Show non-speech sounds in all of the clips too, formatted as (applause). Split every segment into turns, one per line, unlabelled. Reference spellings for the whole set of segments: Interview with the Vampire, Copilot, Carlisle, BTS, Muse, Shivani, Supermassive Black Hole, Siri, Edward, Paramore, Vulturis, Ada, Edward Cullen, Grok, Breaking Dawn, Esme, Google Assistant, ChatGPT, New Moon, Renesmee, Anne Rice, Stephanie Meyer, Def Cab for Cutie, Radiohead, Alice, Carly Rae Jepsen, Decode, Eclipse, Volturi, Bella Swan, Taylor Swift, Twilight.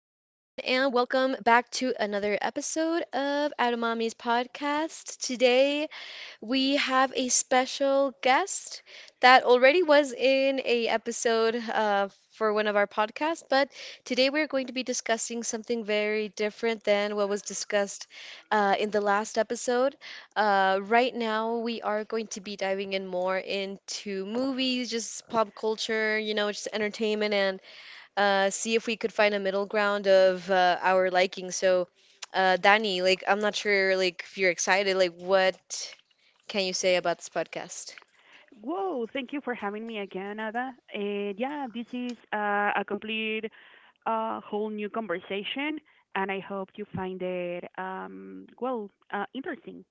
and welcome back to another episode of Atomami's podcast. Today, we have a special guest that already was in a episode for one of our podcasts, but today we're going to be discussing something very different than what was discussed in the last episode. Right now, we are going to be diving in more into movies, just pop culture, you know, just entertainment and see if we could find a middle ground of our liking. So, Danny, like, I'm not sure, like, if you're excited, like, what can you say about this podcast?
Whoa, thank you for having me again, Ada. And yeah, this is a complete, whole new conversation, and I hope you find it, well, interesting.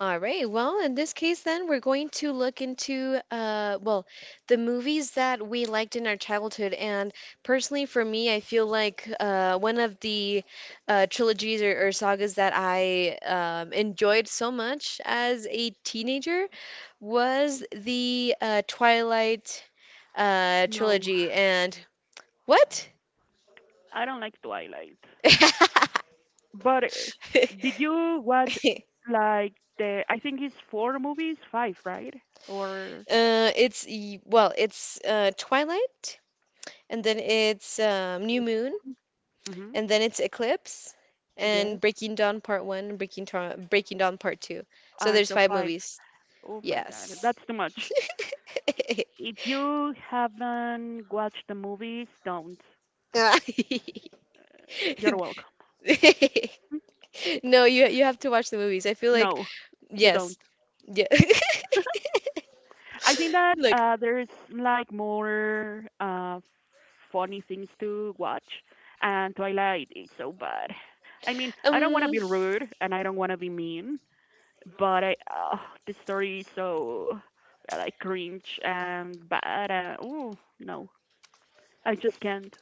All right. Well, in this case, then, we're going to look into, well, the movies that we liked in our childhood. And personally, for me, I feel like one of the trilogies or sagas that I enjoyed so much as a teenager was the Twilight
No,
trilogy. And what?
I don't like Twilight.
(laughs)
But did you watch, like, I think it's four movies, five, right? Or,
It's Twilight, and then it's New Moon,
mm-hmm,
and then it's Eclipse,
yes,
and Breaking Dawn Part One, and Breaking Dawn Part Two. So there's
so
five
five.
movies.
Oh my God,
Yes.
that's too much.
(laughs)
If you haven't watched the movies, don't.
Ah. (laughs)
You're welcome.
No, you have to watch the movies. I feel like
No, you
yes,
don't.
yeah.
I think
(laughs)
that
Look,
there's like more funny things to watch, and Twilight is so bad. I mean, I don't want to
um,
be rude and I don't want to be mean, but I the story is so like cringe and bad. Oh no, I just can't.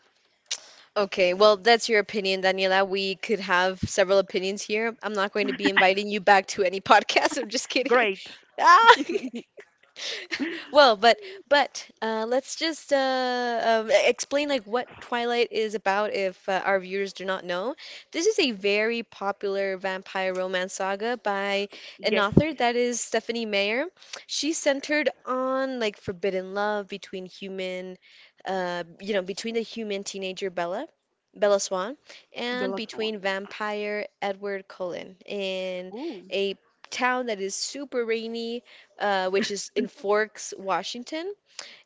okay, well, that's your opinion, Daniela. We could have several opinions here. I'm not going to be inviting you back to any (laughs) podcast. I'm just kidding. (laughs)
Great.
Ah.
(laughs)
(laughs) Well, but let's just explain like what Twilight is about if our viewers do not know. This is a very popular vampire romance saga by an
Yes,
author that is Stephanie Meyer. She's centered on like forbidden love between you know, between the human teenager Bella Swan, and
Bella Swan.
between vampire Edward Cullen in
Ooh,
a town that is super rainy which is in Forks, Washington,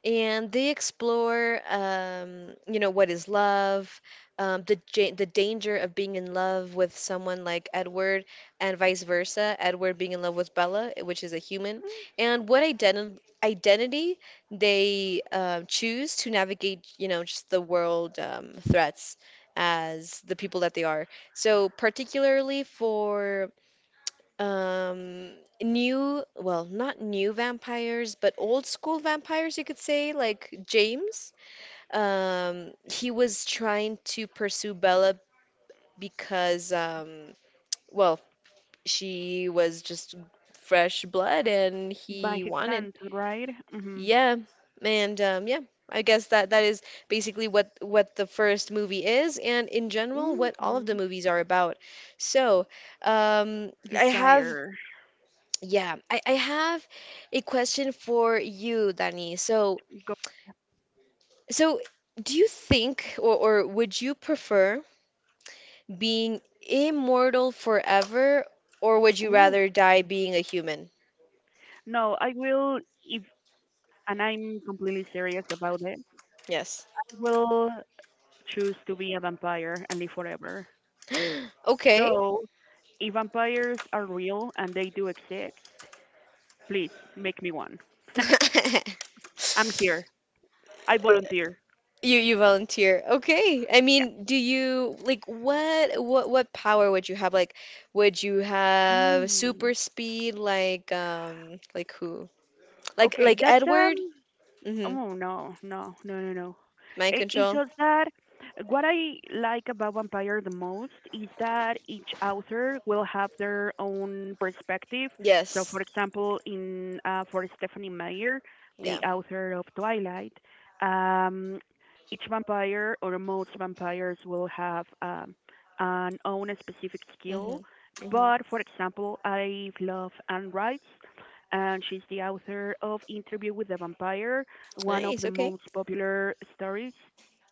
and they explore, you know, what is love, the ja the danger of being in love with someone like Edward, and vice versa, Edward being in love with Bella, which is a human, and what identity they choose to navigate, you know, just the world threats as the people that they are. So particularly for um new well, not new vampires but old school vampires you could say, like James. He was trying to pursue Bella because well she was just fresh blood and
by
he
his
wanted
hand, right? Mhm.
yeah. And yeah, I guess that that is basically what the first movie is, and in general what all of the
Mhm.
movies are about. So um I have
Desire.
yeah, I have a question for you, Danny. So,
Go.
so do you think or would you prefer being immortal forever, or would you
Ooh.
rather die being a human?
No, I will if and I'm completely serious about it.
Yes.
I will choose to be a vampire and live forever.
(gasps) Okay.
So, if vampires are real and they do exist, please make me one. (laughs)
(laughs)
I'm here. I volunteer.
You volunteer. Okay. I mean, do you like what power would you have? Like, would you
Yeah.
have super
Mm.
speed like who? Like
Okay, that's
Edward? Mm-hmm.
oh no, no, no, no, no.
Mind
It's
control?
just that what I like about Vampire the most is that each author will have their own perspective. So,
Yes.
for example, in for Stephanie Meyer, the
Yeah.
author of Twilight, um, each vampire or most vampires will have an own specific skill.
Mm-hmm. Mm-hmm.
But for example, I love Anne Rice, and she's the author of Interview with the Vampire, one of
Nice.
the
Okay.
most popular stories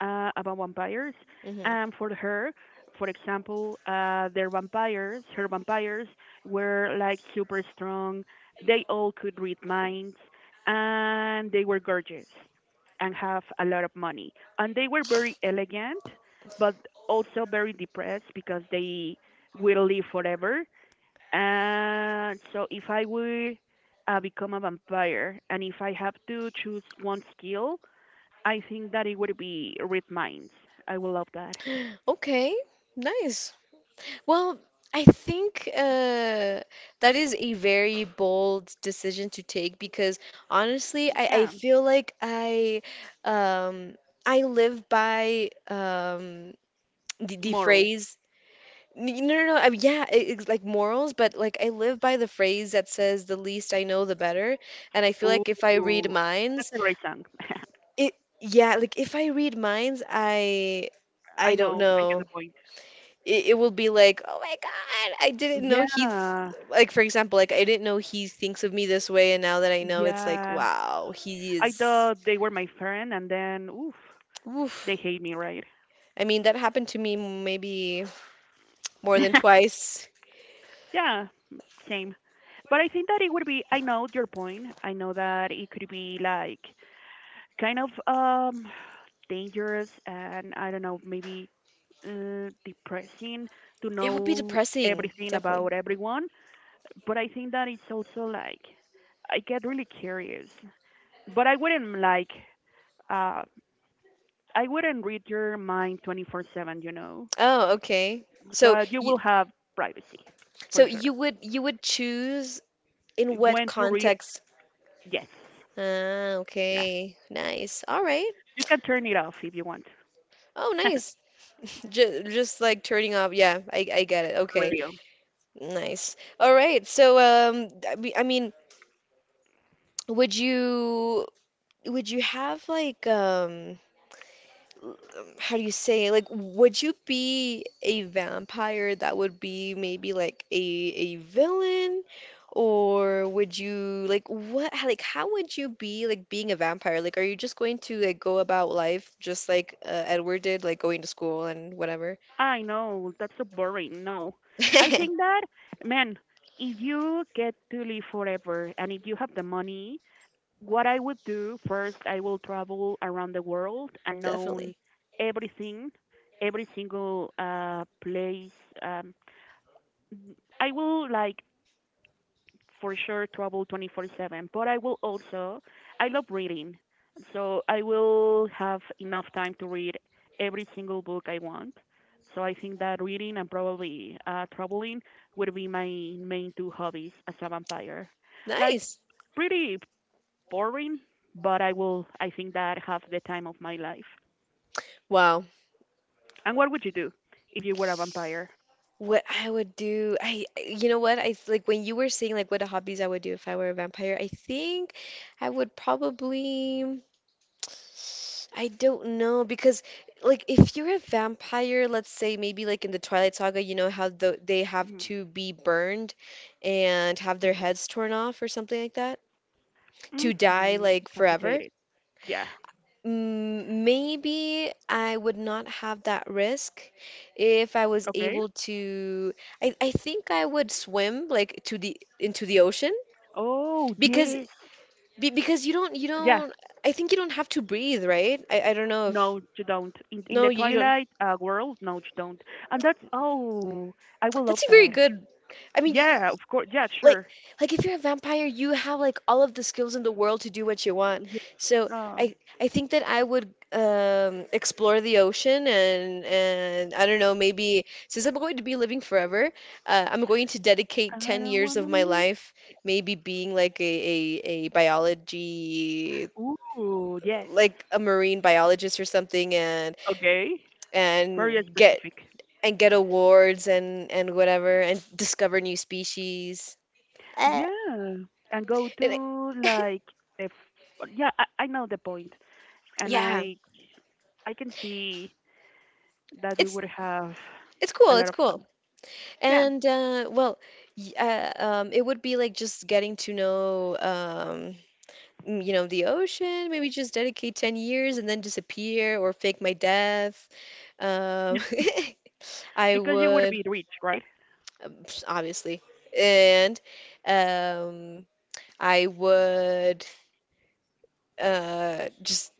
about vampires.
Mm-hmm. (gasps)
And for her, for example, her vampires were like super strong. They all could read minds, and they were gorgeous and have a lot of money. And they were very elegant, but also very depressed because they will live forever. And so if I would become a vampire, and if I have to choose one skill, I think that it would be read minds. I would love that.
Okay. Nice. Well, I think that is a very bold decision to take because honestly, I
Yeah,
feel like um, I live by the
moral.
phrase. N- No, no, no. I, yeah, it's like morals, but like I live by the phrase that says, "The least I know, the better." And I feel
Ooh,
like if I read minds,
that's a great song. (laughs)
it yeah, like if I read minds, I
I
don't
know. I
know.
get the point.
It will be like, "Oh my God, I didn't know he's
Yeah,
like for example, like I didn't know he thinks of me this way and now that I know it's like,
yeah.
wow, he
I
is
thought they were my friend, and then oof, they
oof."
hate me, right?
I mean, that happened to me maybe more than
(laughs)
twice.
Yeah, same. But I think that it would be. I know your point. I know that it could be like kind of dangerous, and I don't know, maybe depressing to
It would be
know
depressing,
everything
definitely.
about everyone. But I think that it's also like I get really curious. But uh I wouldn't read your mind 24/7.
Oh, okay.
So you will have privacy
So
for sure.
you would choose in what
When to read?
context?
Yes.
Ah,
Yes.
okay. Nice. All right.
You can turn it off if you want. (laughs)
Oh, nice. Just like turning off. Yeah, I get it. Okay,
Radio.
nice. All right. So, I mean, would you, would you have like, how do you say, like, would you be a vampire that would be maybe like a villain, or would you like like, how would you be like being a vampire? Like, are you just going to like go about life just like Edward did, like going to school and whatever?
I know, that's so boring. No. I think
(laughs)
that, man, if you get to live forever and if you have the money, what I would do first, I will travel around the world and know
Definitely.
everything, every single place. Um, I will like for sure travel 24/7, but I will also I love reading. So I will have enough time to read every single book I want. So I think that reading and probably traveling would be my main two hobbies as a vampire. Like,
Nice.
pretty boring, but I think that have the time of my life.
Wow.
And what would you do if you were a vampire?
What I would do, I, you know what? Like when you were saying like what the hobbies I would do if I were a vampire. I think I would probably, I don't know because like if you're a vampire, let's say maybe like in the Twilight Saga, you know how they have
Mm,
to be burned and have their
yes.
heads torn off or something like that to die
Mhm.
like forever.
Decapitated. Yeah.
Mm, maybe I would not have that risk if I was
Okay.
able to. I think I would swim like to the into the ocean
Oh
because
yes.
because you
Yeah.
don't I think you don't have to breathe, right? I don't know
No,
if
you don't. In the
no you, you don't.
Twilight world, no, you don't. And that's, oh, I will
That's
love
a very
that.
good. I mean
Yeah, of course. Yeah,
like
sure.
like if you're a vampire, you have like all of the skills in the world to do what you want.
Yeah.
So
Um,
I I think that I would explore the ocean and I don't know, maybe since I'm going to be living forever, I'm going to dedicate
I
10
don't
years
wanna
of my
leave.
life maybe being like a biology
Ooh, yes.
like a marine biologist or something
Okay. Very
and get
specific.
and get awards and whatever and discover new species. Uh,
Yeah, and go
And
to,
I- (laughs)
like, yeah. I know the point, and
Yeah,
I can see that you would
it's
have
it's
a
cool.
lot of
It's
fun.
cool.
Yeah,
And it would be like just getting to know, you know, the ocean. Maybe just dedicate 10 years and then disappear or fake my death. Um, (laughs) I
because you would be
would,
rich, right?
um, (sniffs) obviously, and um, I would just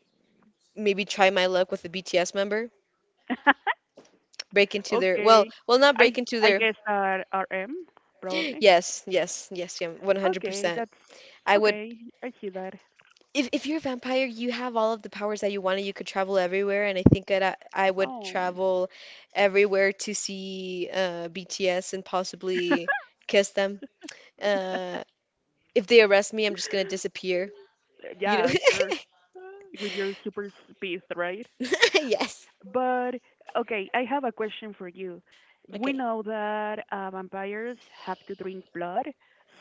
maybe try my luck with a BTS member.
(laughs)
Break into their, well,
Okay.
well, not break
I
into
I
their.
guess that RM
(gasps)
probably.
Yes, yes, yes, yeah,
Okay,
100%.
that's
I would
okay. I see that.
if you're a vampire, you have all of the powers that you wanted. You could travel everywhere, and I think that I would
Oh,
travel everywhere to see BTS and possibly kiss them. Uh, if they arrest me, I'm just gonna disappear. You know?
yeah, sure. With your super speed, right?
(laughs) Yes.
But okay, I have a question for you. We
Okay.
know that vampires have to drink blood,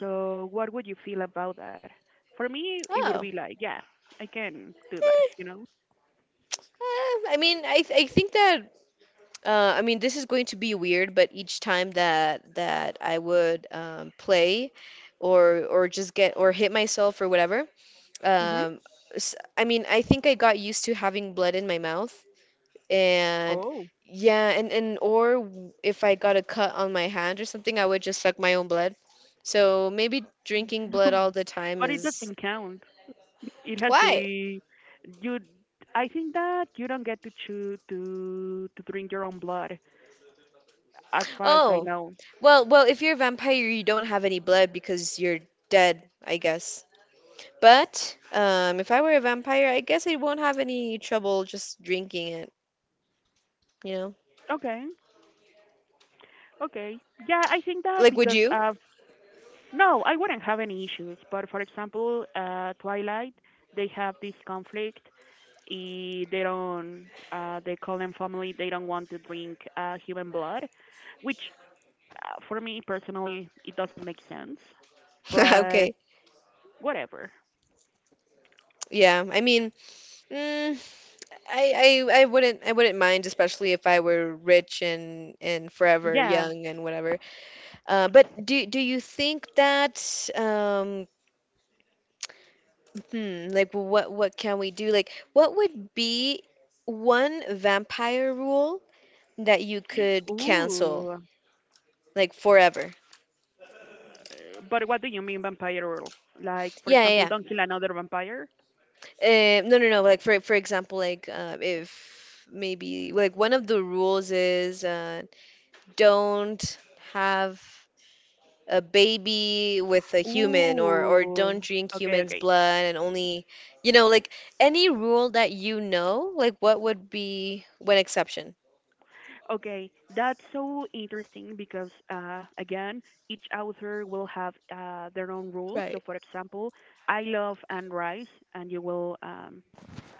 so what would you feel about that? For me, it would
Oh.
be like, yeah, I can do that,
Eh,
you know?
I mean, I think that I mean this is going to be weird, but each time that I would play or just get or hit myself or whatever,
Hmm.
Um, I mean, I think I got used to having blood in my mouth, and
Oh.
yeah, and or if I got a cut on my hand or something, I would just suck my own blood. So maybe drinking blood
(laughs)
all the time
But it
is
doesn't count. It has to
why?
be you. I think that you don't get to choose to drink your own blood, as far as I
Oh,
know.
well, well, if you're a vampire, you don't have any blood because you're dead, I guess. But if I were a vampire, I guess I won't have any trouble just drinking it, you know?
Okay. Okay. Yeah, I think that
Like, would
because
you?
of no, I wouldn't have any issues. But for example, Twilight, they have this conflict. They don't. They call them family. They don't want to drink human blood, which for me personally, it doesn't make sense. But
(laughs) Okay.
whatever.
Yeah, I mean, mm, I, I wouldn't I wouldn't mind, especially if I were rich and forever
Yeah.
young and whatever. But do do you think that um like what can we do? Like what would be one vampire rule that you could
Ooh.
cancel like forever?
But what do you mean vampire rule? Like, for
Yeah,
example,
yeah,
don't kill another vampire?
yeah. No, no, no. Like for example, like if maybe like one of the rules is don't have a baby with a human or
Ooh.
don't drink
Okay,
human's
okay.
blood and only you know like any rule that you know like what would be one exception.
Okay, that's so interesting because, again, each author will have their own rules.
Right.
So, for example, I love Anne Rice, and you will, um,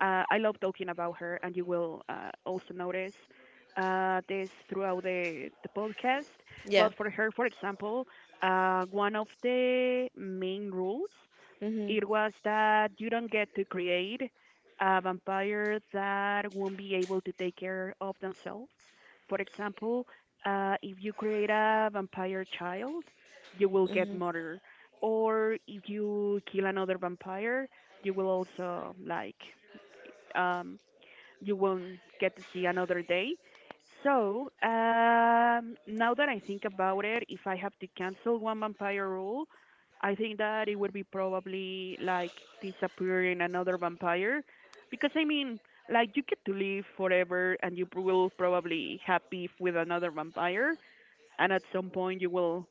uh, I love talking about her, and you will also notice this throughout the podcast.
yeah
But for her, for example, one of the main rules
mhm
it was that you don't get to create a vampire that won't be able to take care of themselves. For example, if you create a vampire child, you will get
mhm
murdered. Or if you kill another vampire, you will also like um, you won't get to see another day. So, now that I think about it, if I have to cancel one vampire rule, I think that it would be probably like disappearing another vampire, because I mean, like, you get to live forever and you will probably have beef with another vampire, and at some point you will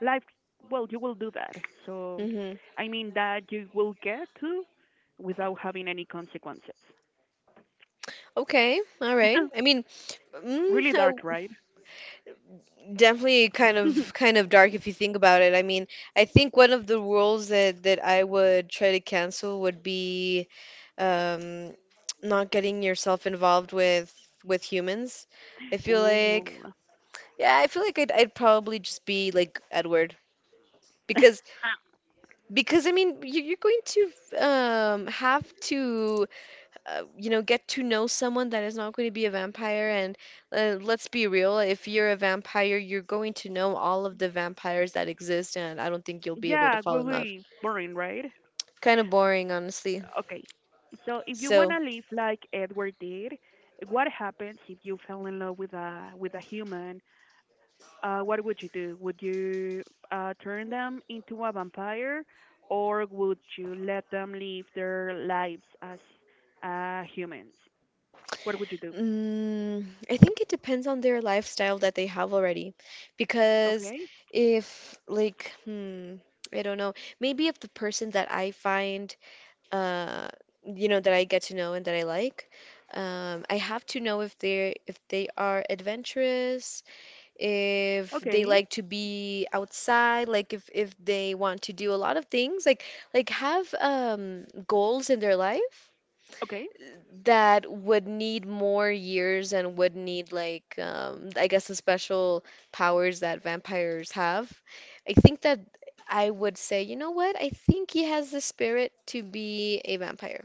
life well, you will do that. So
mhm
I mean that you will get to without having any consequences.
okay all right
(laughs)
I mean mm,
Really dark, right?
definitely kind
(laughs)
of dark if you think about it I mean I think one of the rules that I would try to cancel would be um not getting yourself involved with humans I feel like
Ooh.
yeah, I feel like I'd probably just be like Edward because
(laughs)
because I mean you, you're going to have to you know get to know someone that is not going to be a vampire, and let's be real, if you're a vampire you're going to know all of the vampires that exist and I don't think you'll be able to
Yeah,
fall in love.
really boring, right?
Kind of boring honestly.
Okay. So if you
So
wanna live like Edward did, what happens if you fell in love with a human? What would you do? Would you turn them into a vampire, or would you let them live their lives as humans? What would you do?
mm, I think it depends on their lifestyle that they have already. Because
Okay,
if, like, hmm, I don't know, Maybe if the person that I find, uh, that I get to know and that I like, I have to know if they are adventurous, if they
okay,
like to be outside, like if they want to do a lot of things, like have goals in their life
okay,
that would need more years and would need I guess the special powers that vampires have. I think that I would say, you know what? I think he has the spirit to be a vampire,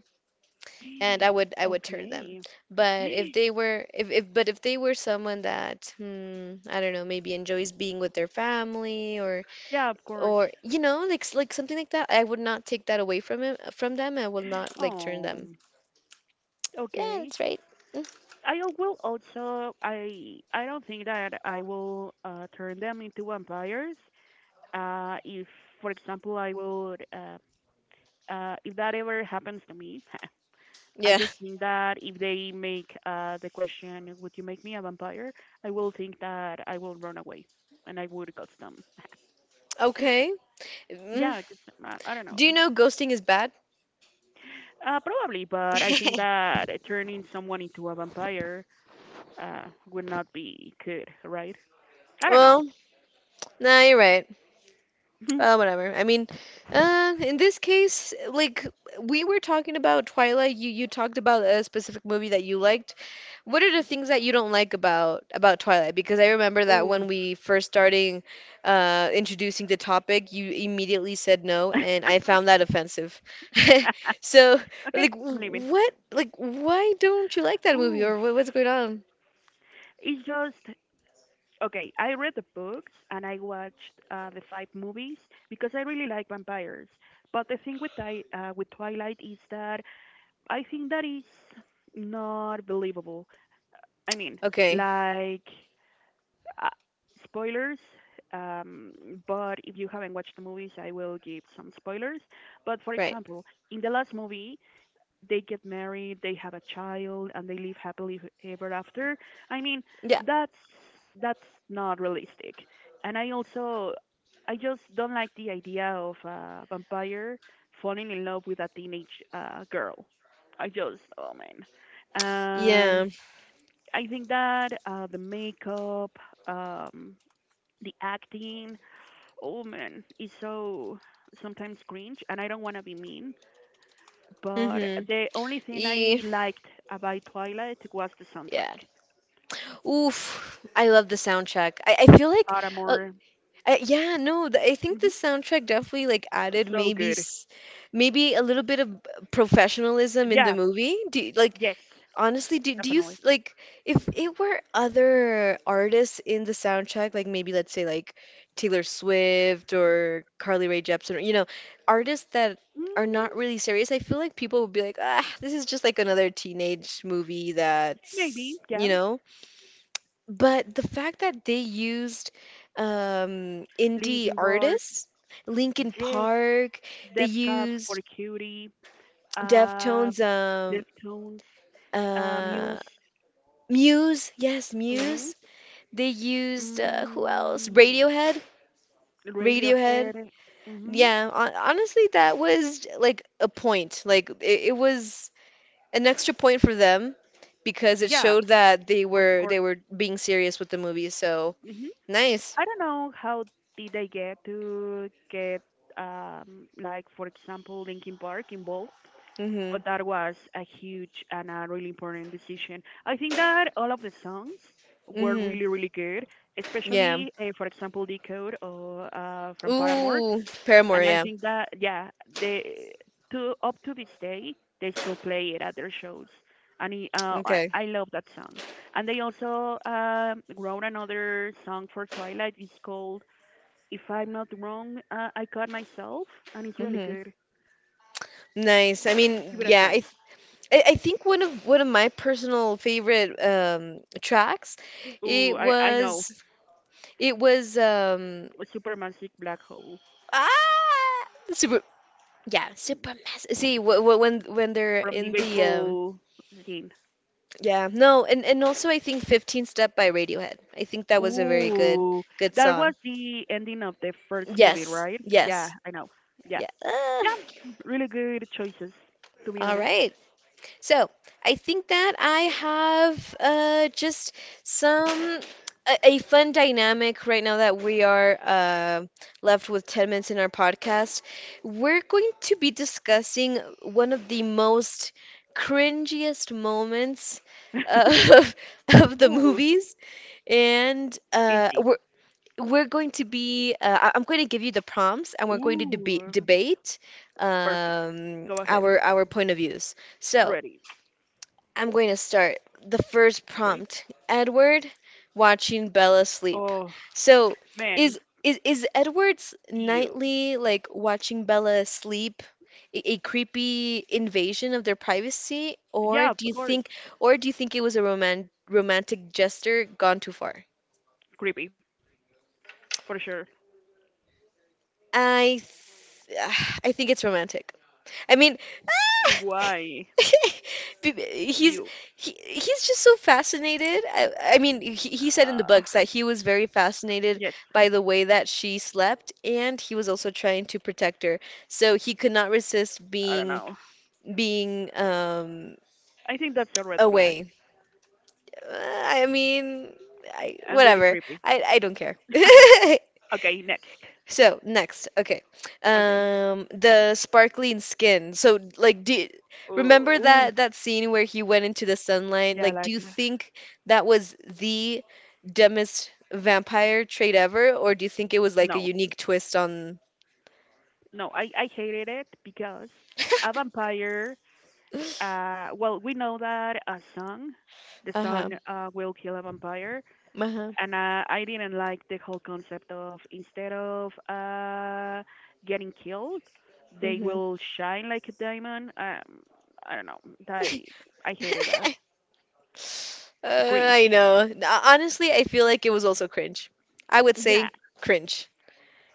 and I
(gasps)
would I would turn them.
okay.
But if they were someone that I don't know, maybe enjoys being with their family,
Yeah, of course.
or you know, like something like that, I would not take that away from him from them. I will not, like, turn
Oh.
them. Yeah,
Okay.
that's right. Mm.
I will also I don't think that I will turn them into vampires. If for example I would if that ever happens to me, (laughs) I
Yeah.
just think that if they make the question, would you make me a vampire? I will think that I will run away and I would ghost them. (laughs)
Okay. Mm.
Yeah, 'cause, I don't know.
Do you know ghosting is bad?
Probably, but I think
(laughs)
that turning someone into a vampire uh, would not be good, right? I don't know.
Well, nah, you're right.
(laughs)
Whatever. I mean, in this case, like, we were talking about Twilight. You talked about a specific movie that you liked. What are the things that you don't like about Twilight? Because I remember that when
Ooh.
we first starting introducing the topic, you immediately said no, and I found that offensive. (laughs)
(laughs)
So,
Okay,
like,
I'm leaving.
what, like, why don't you like that movie,
Ooh.
or what's going on?
It's just, okay, I read the books and I watched the five movies because I really like vampires. But the thing with Twilight is that I think that is not believable. I mean,
Okay.
like, uh, spoilers. But if you haven't watched the movies, I will give some spoilers. But for
Right.
example, in the last movie, they get married, they have a child, and they live happily ever after. I mean,
Yeah.
that's that's not realistic. And I just don't like the idea of a vampire falling in love with a teenage girl. I just Oh man.
Yeah.
And I think that the makeup, um, the acting, oh man, is so sometimes cringe. And I don't want to be mean, but
Mm-hmm.
the only thing
E
I liked about Twilight was the
Yeah.
soundtrack.
Oof. I love the soundtrack. I feel like uh,
Paramore,
yeah, no, th I think
hmm
the soundtrack definitely, like, added
so good.
maybe a little bit of professionalism in the
Yeah,
movie. Do you- like
yes,
Honestly, do you
definitely.
like, if it were other artists in the soundtrack, like, maybe let's say like Taylor Swift or Carly Rae Jepsen, or you know, artists that are
Mm,
not really serious, I feel like people would be like, ah, this is just like another teenage movie
maybe,
that's,
yeah.
you know. But the fact that they used indie
Linkin Park,
artists, Linkin
yes.
Park, they
Def Cab for
used
Cutie, uh,
Deftones,
Deftones, Muse,
uh, Muse, yes,
hmm
Muse. They used who else?
mm,
Radiohead. Radiohead.
Radiohead, hmm
Yeah, honestly, that was like a point. Like, it was an extra point for them because it
yeah,
showed that they
of
were
course.
they were being serious with the movie. So
Mm-hmm.
nice.
I don't know how did I get to get like, for example, Linkin Park involved,
Mhm.
but that was a huge and a really important decision. I think that all of the songs were
Mhm.
really really good,
Yeah.
especially for example Decode or from Paramore.
Ooh, Paramore.
And I
Yeah.
think that yeah, they to up to this day they still play it at their shows, and it,
Okay.
I love that song. And they also wrote another song for Twilight. It's called If I'm Not Wrong, I Caught Myself, and it's really
Mhm.
good.
Nice. I mean,
Give it a
yeah.
try.
I think one of my personal favorite tracks, it
Ooh, I know,
was it was
a supermassive black hole
Ah, super. Yeah, super massive. See, when they're
from the
in the
baseball scene.
yeah, no, and also I think 15 Step by Radiohead. I think that was a very good
Ooh,
good
that was
song.
the ending of the first movie,
Yes,
right? Yeah,
yes,
I know. Yeah.
yeah. Ah,
Yeah, really good choices, to be
all
honest.
right. So, I think that I have just some a fun dynamic right now that we are left with 10 minutes in our podcast. We're going to be discussing one of the most cringiest moments uh, (laughs) of
(laughs)
the
Ooh,
movies, and
easy.
we're going to be I'm going to give you the prompts, and we're going to debate
Ooh,
debate
perfect. Go ahead.
our point of views. So.
Ready.
I'm going to start the first
Okay.
prompt. Edward watching Bella sleep.
Oh,
So,
man.
is Edward's
You.
nightly, like, watching Bella sleep a creepy invasion of their privacy, or
Yeah, of
do you
course.
think, it was a romantic gesture gone too far?
Creepy, for sure.
I th (sighs) I think it's romantic. I mean,
Why?
Be- (laughs)
You.
he's he's just so fascinated. I mean, he said in the
Uh,
books that he was very fascinated
yes,
by the way that she slept, and he was also trying to protect her. So he could not resist
I don't know.
being
I think that's a red flag
away. I mean,
and really
whatever.
creepy.
I don't care. (laughs)
(laughs) Okay, next.
So next, okay,
Okay.
the sparkling skin. So, like, do
Ooh,
remember
ooh.
that that scene where he went into the sunlight?
Yeah,
Like, do
like,
you think that was the dumbest vampire trait ever, or do you think it was like a
no.
unique twist on?
No, I hated it because a vampire.
(laughs)
Well, we know that a sun, the
Uh-huh.
sun will kill a vampire,
Uh-huh.
and I didn't like the whole concept of instead of getting killed, they
Hmm.
will shine like a diamond. I don't know. I
(laughs)
I hated that.
I
Cringe.
know. Honestly, I feel like it was also cringe. I would
Yeah,
say cringe.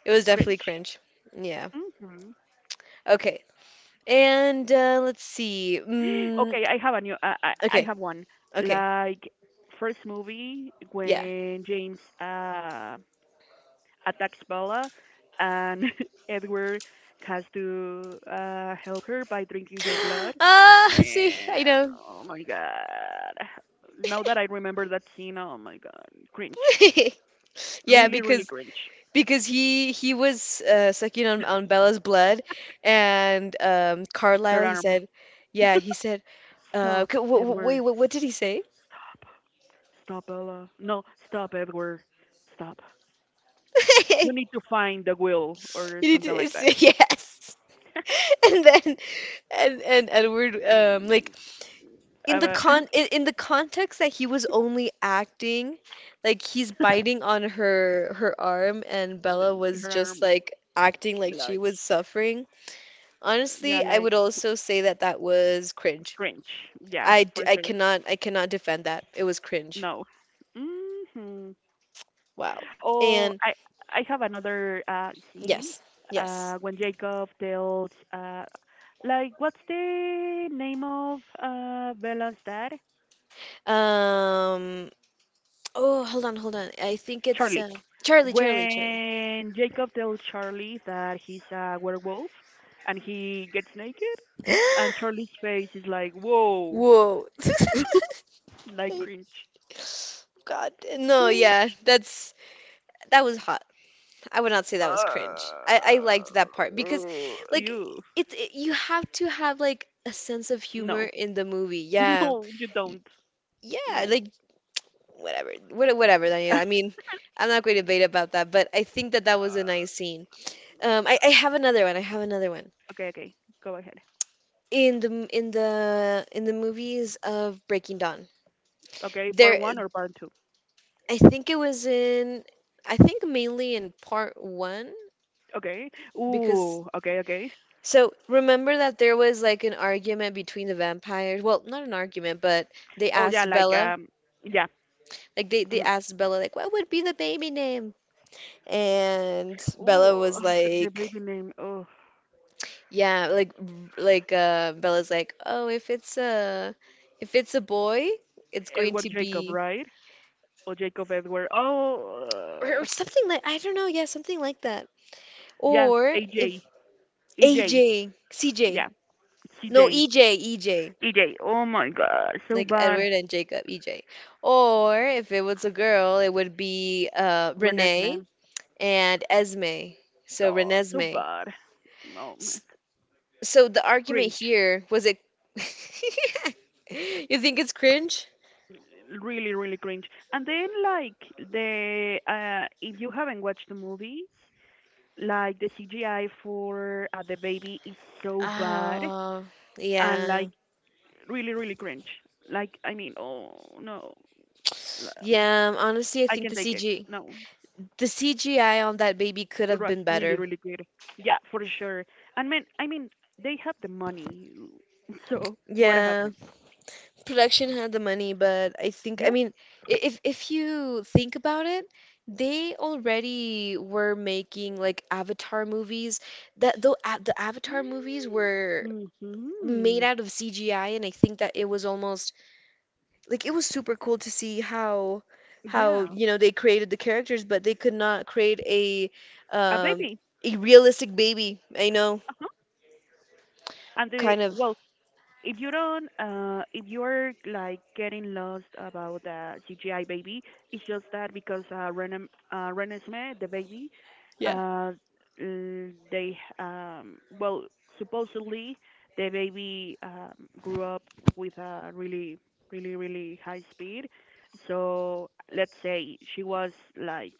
It was definitely
cringe.
cringe. Yeah.
Mhm.
Okay. And let's see. Mm,
Okay, I have a new. I
okay,
have one.
okay,
Like, first movie
yeah.
when James attacks Bella, and (laughs) Edward has to help her by drinking her blood.
(gasps) Ah, (laughs) see, I
Man,
know.
oh my god. Now that I remember that scene, oh my god. Cringe.
(laughs) Yeah,
Really, really
because
cringe.
he was sucking on Bella's blood, and
Her
Carlisle, he
arm.
said, yeah,
(laughs)
he said,
Stop,
c- w w
Edward.
wait, what did he say?
Stop. Stop, Bella. No, stop, Edward. Stop. You need
(laughs)
to find the will or
He
something like
did
that.
say yes, (laughs) and then and Edward,
Mm,
in the
but
in the context that he was only acting, like, he's biting on her arm, and Bella
(laughs) her
was
arm,
just like acting like
like,
she was suffering.
uh, yeah,
Honestly, I
like
would also say that that was cringe.
cringe. Yeah, for sure.
I cannot defend that. It was cringe.
No. Hmm.
Wow.
Oh,
And
I have another scene
yes. Yes.
when Jacob tells like what's the name of Bella's dad?
Um oh, hold on. I think it's
Charlie.
Charlie, Charlie.
When Jacob tells Charlie that he's a werewolf and he gets naked, and
(gasps)
Charlie's face is like, whoa.
Whoa.
(laughs)
(laughs)
Like,
I
cringe,
God, no, yeah,
cringe.
that's that was hot. I would not say
Uh,
that was cringe. I liked that part because, like,
you
it, you have to have like a sense of humor
No.
in the movie.
(laughs)
Yeah,
No, you
Y-
don't.
yeah,
No.
like, whatever, whatever, Daniel. I
(laughs)
mean, I'm not going to debate about that, but I think that that was a nice scene. I have another one. I have another one
Okay, okay. Go ahead.
in the in the movies of Breaking Dawn.
Okay, part
There,
one or part two?
I think it was in. I think mainly in part one
Okay.
because
Ooh, okay, okay.
so remember that there was like an argument between the vampires. Well, not an argument, but they
Oh, yeah,
asked
like,
Bella,
yeah.
like, they
Mhm.
asked Bella like what would be the baby name? And Bella
Ooh.
was
(laughs) (sighs) The
like,
baby name. Oh,
yeah, like, Bella's like, "Oh, if it's a boy, it's going
Edward
to
Jacob,
be
right? Or Jacob Edward. Oh,
or something like, I don't know, yeah, something like that.
yeah,
Or if
AJ.
AJ, CJ.
Yeah. C
No,
J.
EJ, EJ.
EJ. Oh my god, so
Like
bad.
Edward and Jacob, EJ. Or if it was a girl, it would be
Renes,
Renee
man.
and Esme. So
No, so
Renesme.
bad. No, man.
S- So the argument
Cringe.
here was it. (laughs) You think it's cringe?
Really really cringe. And then, like, the if you haven't watched the movie, like, the CGI for the baby is so bad,
Oh,
and, like,
yeah.
really really cringe. Like, I mean, oh, no. um,
Yeah, honestly, I
I
think
can
the
take it.
CG,
No,
the CGI on that baby could
it
have
was
been
really
better.
really good. Yeah, for sure. And, man, I mean, they have the money. (laughs) So what
Yeah,
happened?
production had the money, but I think, I
Yes.
mean, if you think about it, they already were making like Avatar movies that though the Avatar movies were made
Mhm.
out of CGI, and I think that it was almost like it was super cool to see how,
Yeah,
you know, they created the characters, but they could not create
a
um
baby.
a realistic baby. I know,
Uh-huh. And the
kind of.
well, if you don't if you're like getting lost about the CGI baby, it's just that because Renem Renesmee, the baby, uh they well, supposedly the baby grew up with a really really really high speed. So let's say she was like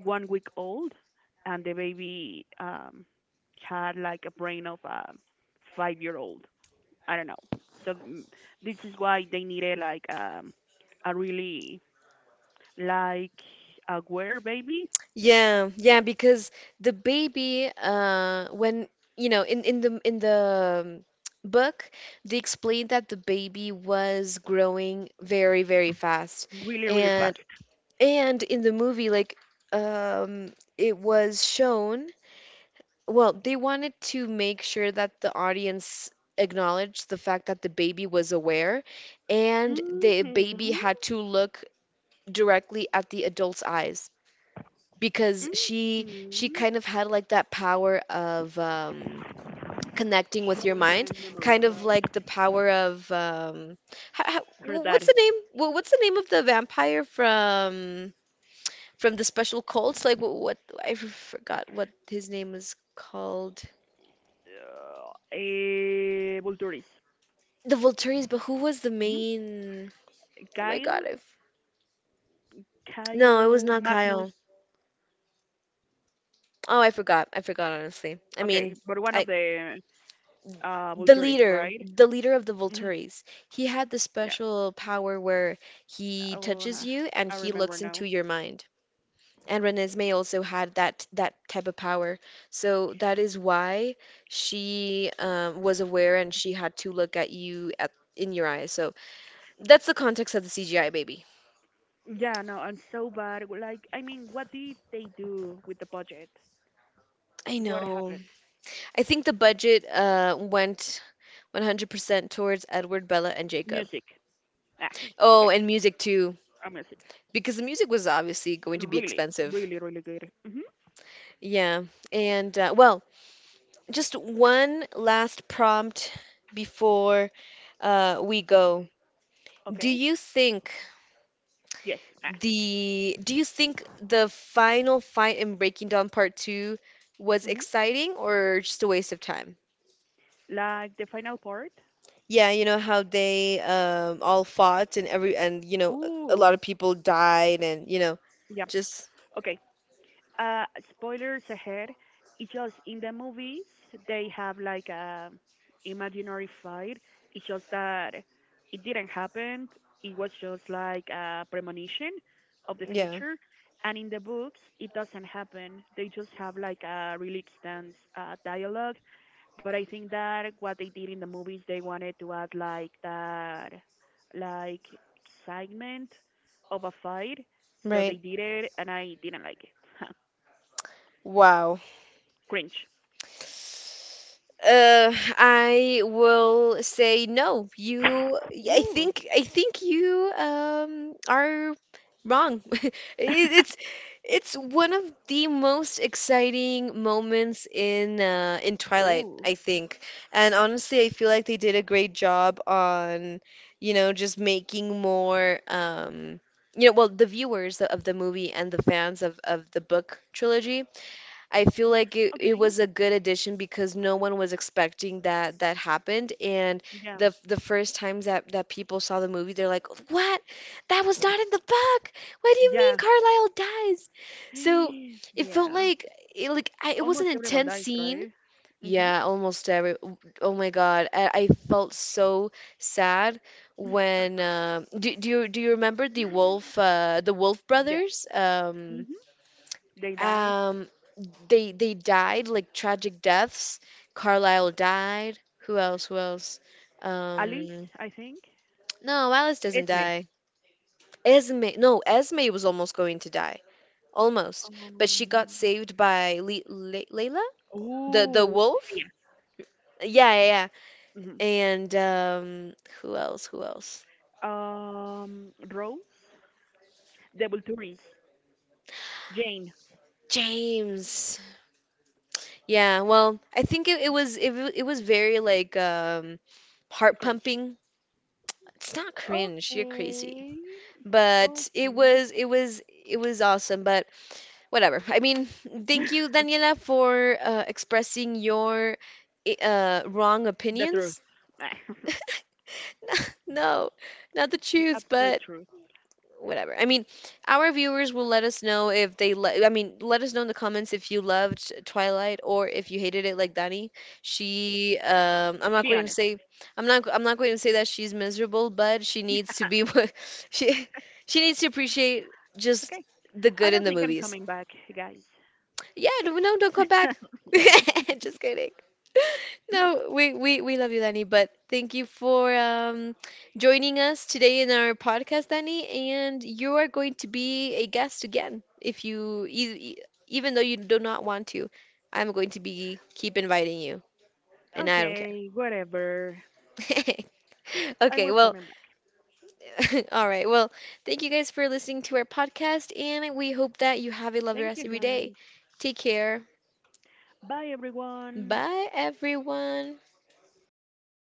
1-week old, and the baby had like a brain of a 5-year old. I don't know. So this is why they needed, like, a really, like, aware baby,
Yeah, yeah, because the baby, when, you know, in in the book, they explained that the baby was growing very, very fast,
really really
and
fast.
in the movie, like, it was shown. Well, they wanted to make sure that the audience acknowledged the fact that the baby was aware, and the baby
Mhm.
had to look directly at the adult's eyes because she
Mhm.
kind of had like that power of connecting with your mind, kind of like the power of
For
what's
that,
the what's the name of the vampire from the special cults, like, what, I forgot what his name was called,
Vulturis.
the Volturians, but who was the
Mhm.
main, oh my
Kyle,
god, I've no it was
Kyle
not
Magnus.
Kyle, oh, I forgot, I forgot, honestly. I mean,
Okay, but one
I
of the
the
Vulturis,
leader,
right?
of the
Mhm.
Volturis, he had the
Yeah.
special power where he
Oh,
touches you and
I
he
remember
looks into
now.
your mind. And Renesmee also had that type of power, so that is why she, was aware and she had to look at you at in your eyes. So that's the context of the CGI baby.
Yeah, no, I'm so bad. Like, I mean, what did they do with the budget?
I
What
know.
happened?
I think the budget went 100% towards Edward, Bella, and Jacob.
Music. Ah,
Oh,
okay.
and music too,
Music.
because the music was obviously going to be
Really,
expensive.
really, really good. Mhm.
Yeah, and well, just one last prompt before we go. Do
Okay.
you think
Yes. Ah.
the do you think the final fight in Breaking Dawn Part 2 was
Mhm.
exciting or just a waste of time?
Like the final part.
Yeah, you know how they, all fought and every and you know a lot
Ooh.
of people died and you know
Yeah.
just
Okay. Uh, Spoilers ahead. It's just in the movies they have like a imaginary fight. It's just that it didn't happen. It was just like a premonition of the
yeah,
future. And in the books, it doesn't happen. They just have like a really extensive dialogue. But I think that what they did in the movies, they wanted to add like that, like, excitement of a fight. So they
right.
did it, and I didn't like it. (laughs)
Wow.
Grinch.
I will say no. I
Ooh.
think, you, are wrong. (laughs) It- It's
(laughs)
it's one of the most exciting moments in Twilight, I
Ooh.
think. And honestly, I feel like they did a great job on, you know, just making more, you know, well, the viewers of the movie and the fans of the book trilogy. I feel like it
Okay.
was a good addition because no one was expecting that that happened. And
Yeah.
the first times that people saw the movie, they're like, "What? That was not in the book. What do you mean
Yeah. (gasps)
Carlisle dies?" So
(sighs)
it felt
Yeah.
like it was an
Almost everyone
intense
dies,
scene.
right? Mhm.
Yeah, almost every. Oh my God, I felt so sad when. Do you remember the Wolf, the Wolf
Yeah.
brothers?
Mhm. They die.
Um, they died like tragic deaths. Carlisle died. Who else? Who else? Um,
Alice, I think.
no, Alice doesn't
It's me.
die. Esme, no, Esme was almost going to die, almost, but
Um.
she got saved by Le Le Layla, the
Ooh.
wolf.
Yeah.
Yeah, yeah, yeah.
Mhm.
And who else? Who else?
Rose. Devil Tourist. Jane.
James. Yeah, well, I think it was very, like, heart
Grinch.
pumping. It's not cringe. You're crazy.
Okay.
But it
Okay.
was it was awesome. But whatever. I mean, thank
(laughs)
you, Daniela, for expressing your i- wrong
The truth.
opinions. (laughs)
(laughs)
No, not the
The
truth,
absolute
but
truth.
whatever. I mean, our viewers will let us know if I mean, let us know in the comments if you loved Twilight or if you hated it like Dani. She I'm not
Be
going to
honest.
say, I'm not going to say that she's miserable, but she needs to be (laughs) she she needs to appreciate
Okay.
just the
I
good
don't
in the
think I'm
movies.
coming back, guys.
Yeah, no, no, don't come
(laughs)
back. (laughs) Just kidding. No, we love you, Danny, but thank you for joining us today in our podcast, Danny. And you are going to be a guest again if you, even though you do not want to, I'm going to be keep inviting you, and I don't
Okay, whatever.
care. (laughs)
I will
Okay,
coming
well,
back.
(laughs) all right. Well, thank you guys for listening to our podcast, and we hope that you have a
Thank
lovely rest
you
of your day.
guys.
Take care.
Bye everyone.
Bye, everyone.